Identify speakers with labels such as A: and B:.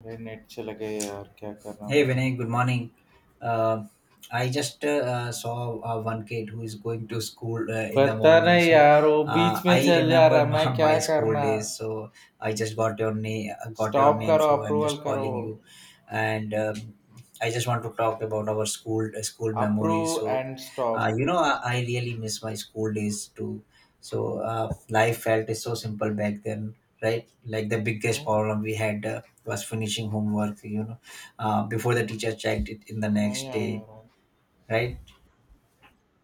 A: अरे, नेट चला गया यार, क्या करना
B: Hey
A: मैंने?
B: Vinay, good morning. Uh, I just saw one kid who is going to school in the
A: पता
B: morning.
A: नहीं
B: So
A: यार, वो बीच में
B: I
A: चल जा
B: remember
A: रहा है, मैं
B: my,
A: क्या
B: my school
A: करना?
B: days. So I just got your name, got your
A: stop
B: name.
A: करो,
B: So I'm
A: अप्रूवल
B: just
A: करो,
B: calling you, and I just want to talk about our school school memories.
A: Approve
B: So
A: and stop.
B: you know, I really miss my school days too. So life felt is so simple back then, right? Like the biggest
A: क्यों
B: problem we had was finishing homework. You know before the teacher checked it in the
A: नहीं
B: next
A: आया
B: day,
A: यार?
B: right.